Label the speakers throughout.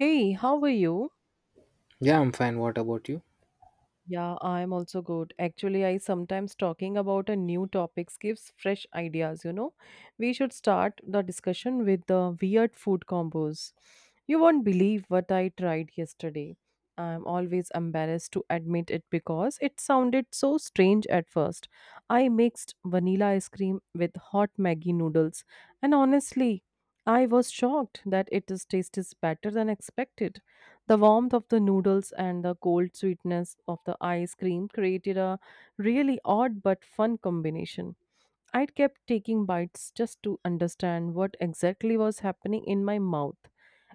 Speaker 1: Hey, how are you?
Speaker 2: Yeah, I'm fine. What about you?
Speaker 1: Yeah, I'm also good. Actually, I sometimes talking about a new topics gives fresh ideas, We should start the discussion with the weird food combos. You won't believe what I tried yesterday. I'm always embarrassed to admit it because it sounded so strange at first. I mixed vanilla ice cream with hot Maggi noodles, and honestly, I was shocked that it is tastes better than expected. The warmth of the noodles and the cold sweetness of the ice cream created a really odd but fun combination. I kept taking bites just to understand what exactly was happening in my mouth.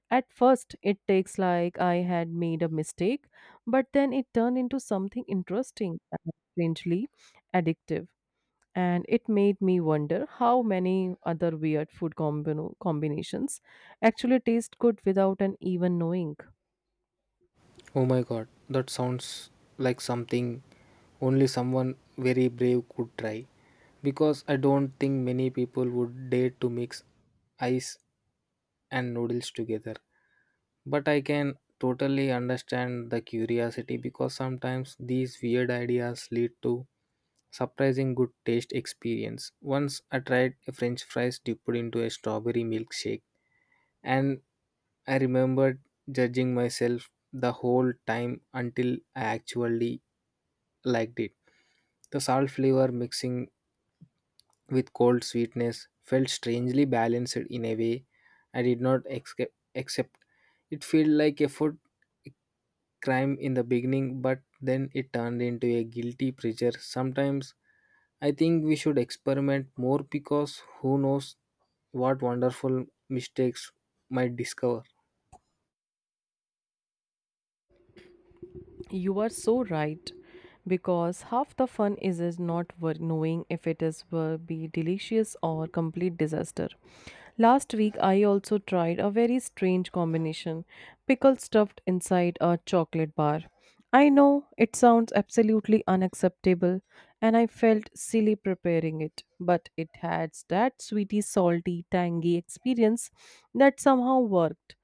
Speaker 1: At first, it takes like I had made a mistake, but then it turned into something interesting and strangely addictive, and it made me wonder how many other weird combinations actually taste good without an even knowing.
Speaker 2: Oh my god, that sounds like something only someone very brave could try. Because I don't think many people would dare to mix ice and noodles together. But I can totally understand the curiosity, because sometimes these weird ideas lead to surprising good taste experience. Once I tried a french fries dipped into a strawberry milkshake, and I remembered judging myself the whole time until I actually liked it. The salt flavor mixing with cold sweetness felt strangely balanced in a way I did not accept. It felt like a food crime in the beginning, but then it turned into a guilty pleasure. Sometimes I think we should experiment more, because who knows what wonderful mistakes might discover.
Speaker 1: You are so right because half the fun is not knowing if it is will be delicious or complete disaster. Last week I also tried a very strange combination, pickle stuffed inside a chocolate bar. I know it sounds absolutely unacceptable, and I felt silly preparing it, but it had that sweety salty tangy experience that somehow worked.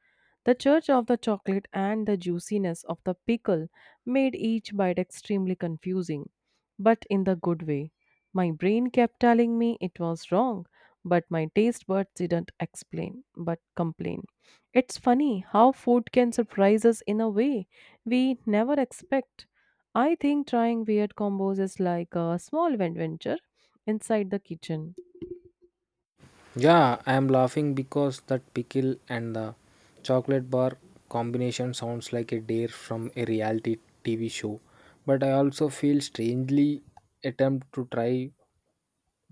Speaker 1: The church of the chocolate and the juiciness of the pickle made each bite extremely confusing, but in the good way. My brain kept telling me it was wrong, but my taste buds didn't explain but complain. It's funny how food can surprise us in a way we never expect. I think trying weird combos is like a small adventure inside the kitchen.
Speaker 2: Yeah, I am laughing because that pickle and the chocolate bar combination sounds like a dare from a reality TV show. But I also feel strangely attempt to try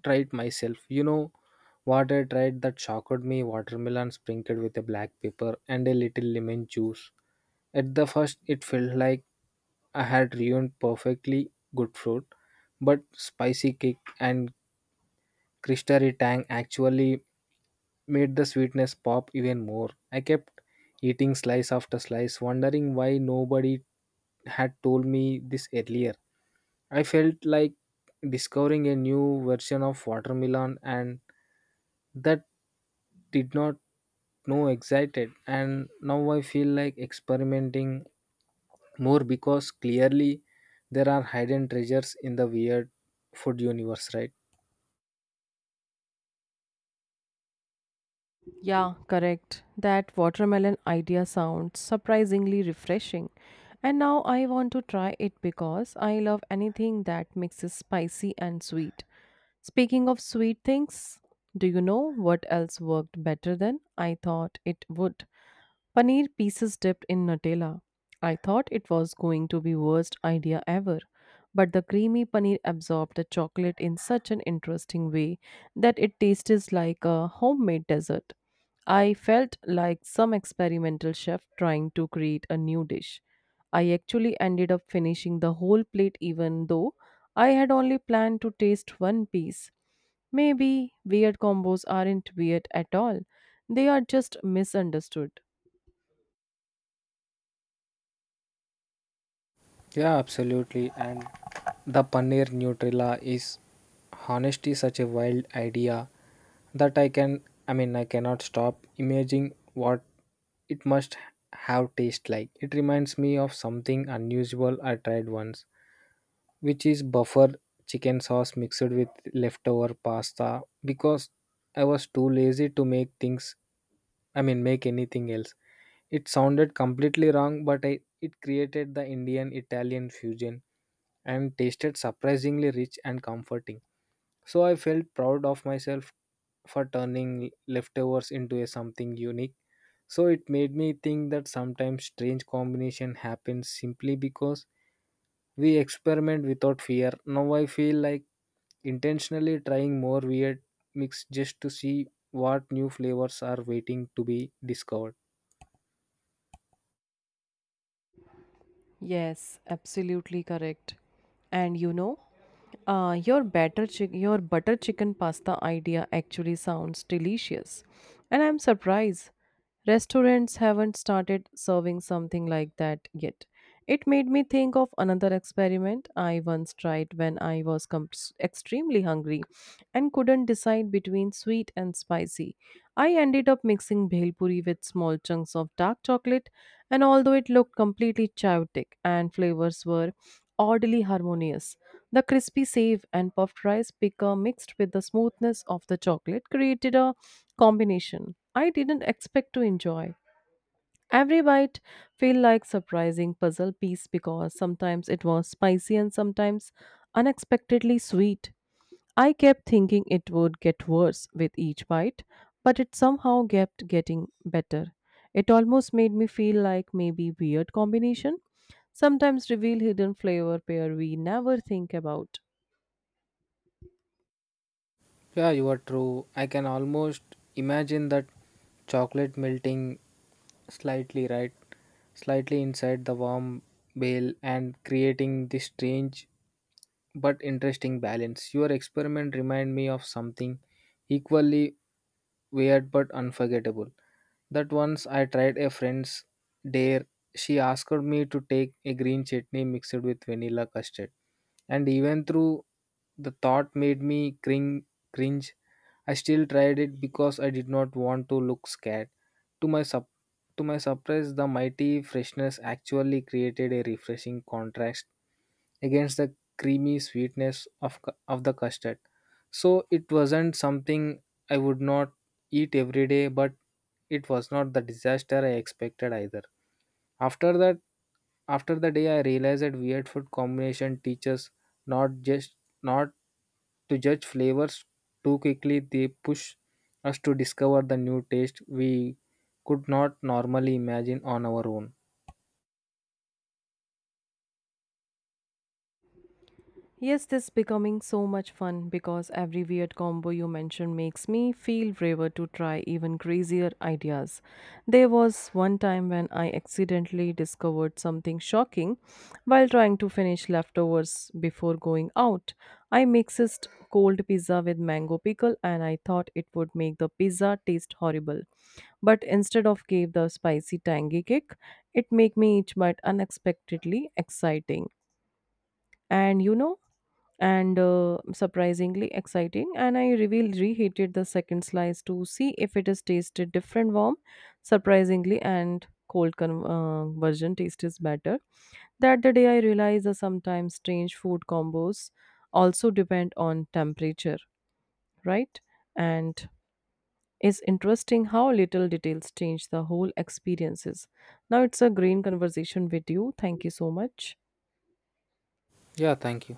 Speaker 2: try it myself. You know what I tried that shocked me? Watermelon sprinkled with a black pepper and a little lemon juice. At the first it felt like I had ruined perfectly good fruit, but spicy kick and crystally tang actually made the sweetness pop even more. I kept eating slice after slice, wondering why nobody had told me this earlier. I felt like discovering a new version of watermelon, and that did not know excited, and now I feel like experimenting more, because clearly there are hidden treasures in the weird food universe, right?
Speaker 1: Yeah, correct. That watermelon idea sounds surprisingly refreshing. And now I want to try it because I love anything that mixes spicy and sweet. Speaking of sweet things, do you know what else worked better than I thought it would? Paneer pieces dipped in Nutella. I thought it was going to be worst idea ever, but the creamy paneer absorbed the chocolate in such an interesting way that it tasted like a homemade dessert. I felt like some experimental chef trying to create a new dish. I actually ended up finishing the whole plate even though I had only planned to taste one piece. Maybe weird combos aren't weird at all, they are just misunderstood.
Speaker 2: Yeah, absolutely. And the paneer Nutrilla is honestly such a wild idea that I mean, I cannot stop imagining what it must have taste like. It reminds me of something unusual I tried once, which is buffer chicken sauce mixed with leftover pasta, because I was too lazy to make things I mean make anything else. It sounded completely wrong, but I, it created the Indian Italian fusion and tasted surprisingly rich and comforting. So I felt proud of myself for turning leftovers into a something unique. So it made me think that sometimes strange combination happens simply because we experiment without fear. Now I feel like intentionally trying more weird mix just to see what new flavors are waiting to be discovered.
Speaker 1: Yes, absolutely correct. And you know, your your butter chicken pasta idea actually sounds delicious, and I'm surprised restaurants haven't started serving something like that yet. It made me think of another experiment I once tried when I extremely hungry and couldn't decide between sweet and spicy. I ended up mixing bhel puri with small chunks of dark chocolate, and although it looked completely chaotic and flavors were oddly harmonious. The crispy save and puffed rice picker mixed with the smoothness of the chocolate created a combination I didn't expect to enjoy. Every bite felt like surprising puzzle piece because sometimes it was spicy and sometimes unexpectedly sweet. I kept thinking it would get worse with each bite, but it somehow kept getting better. It almost made me feel like maybe weird combination sometimes reveal hidden flavor pair we never think about.
Speaker 2: Yeah, you are true. I can almost imagine that chocolate melting slightly right, slightly inside the warm bale and creating this strange but interesting balance. Your experiment remind me of something equally weird but unforgettable. That once I tried a friend's dare, she asked me to take a green chutney mixed with vanilla custard. And even through, the thought made me cringe, I still tried it because I did not want to look scared. To my sup- to my surprise, the mighty freshness actually created a refreshing contrast against the creamy sweetness of the custard. So it wasn't something I would not eat every day, but it was not the disaster I expected either. After that, After the day, I realized that weird food combination teaches not just not to judge flavors too quickly, they push us to discover the new taste we could not normally imagine on our own.
Speaker 1: Yes, this is becoming so much fun because every weird combo you mention makes me feel braver to try even crazier ideas. There was one time when I accidentally discovered something shocking while trying to finish leftovers before going out. I mixed cold pizza with mango pickle, and I thought it would make the pizza taste horrible. But instead of gave the spicy tangy kick, it made me each bite unexpectedly exciting. And surprisingly exciting, and I reveal reheated the second slice to see if it is tasted different warm surprisingly, and cold version taste is better. That the day I realized that sometimes strange food combos also depend on temperature, right? And it's interesting how little details change the whole experiences. Now it's a green conversation with you. Thank you so much.
Speaker 2: Yeah, thank you.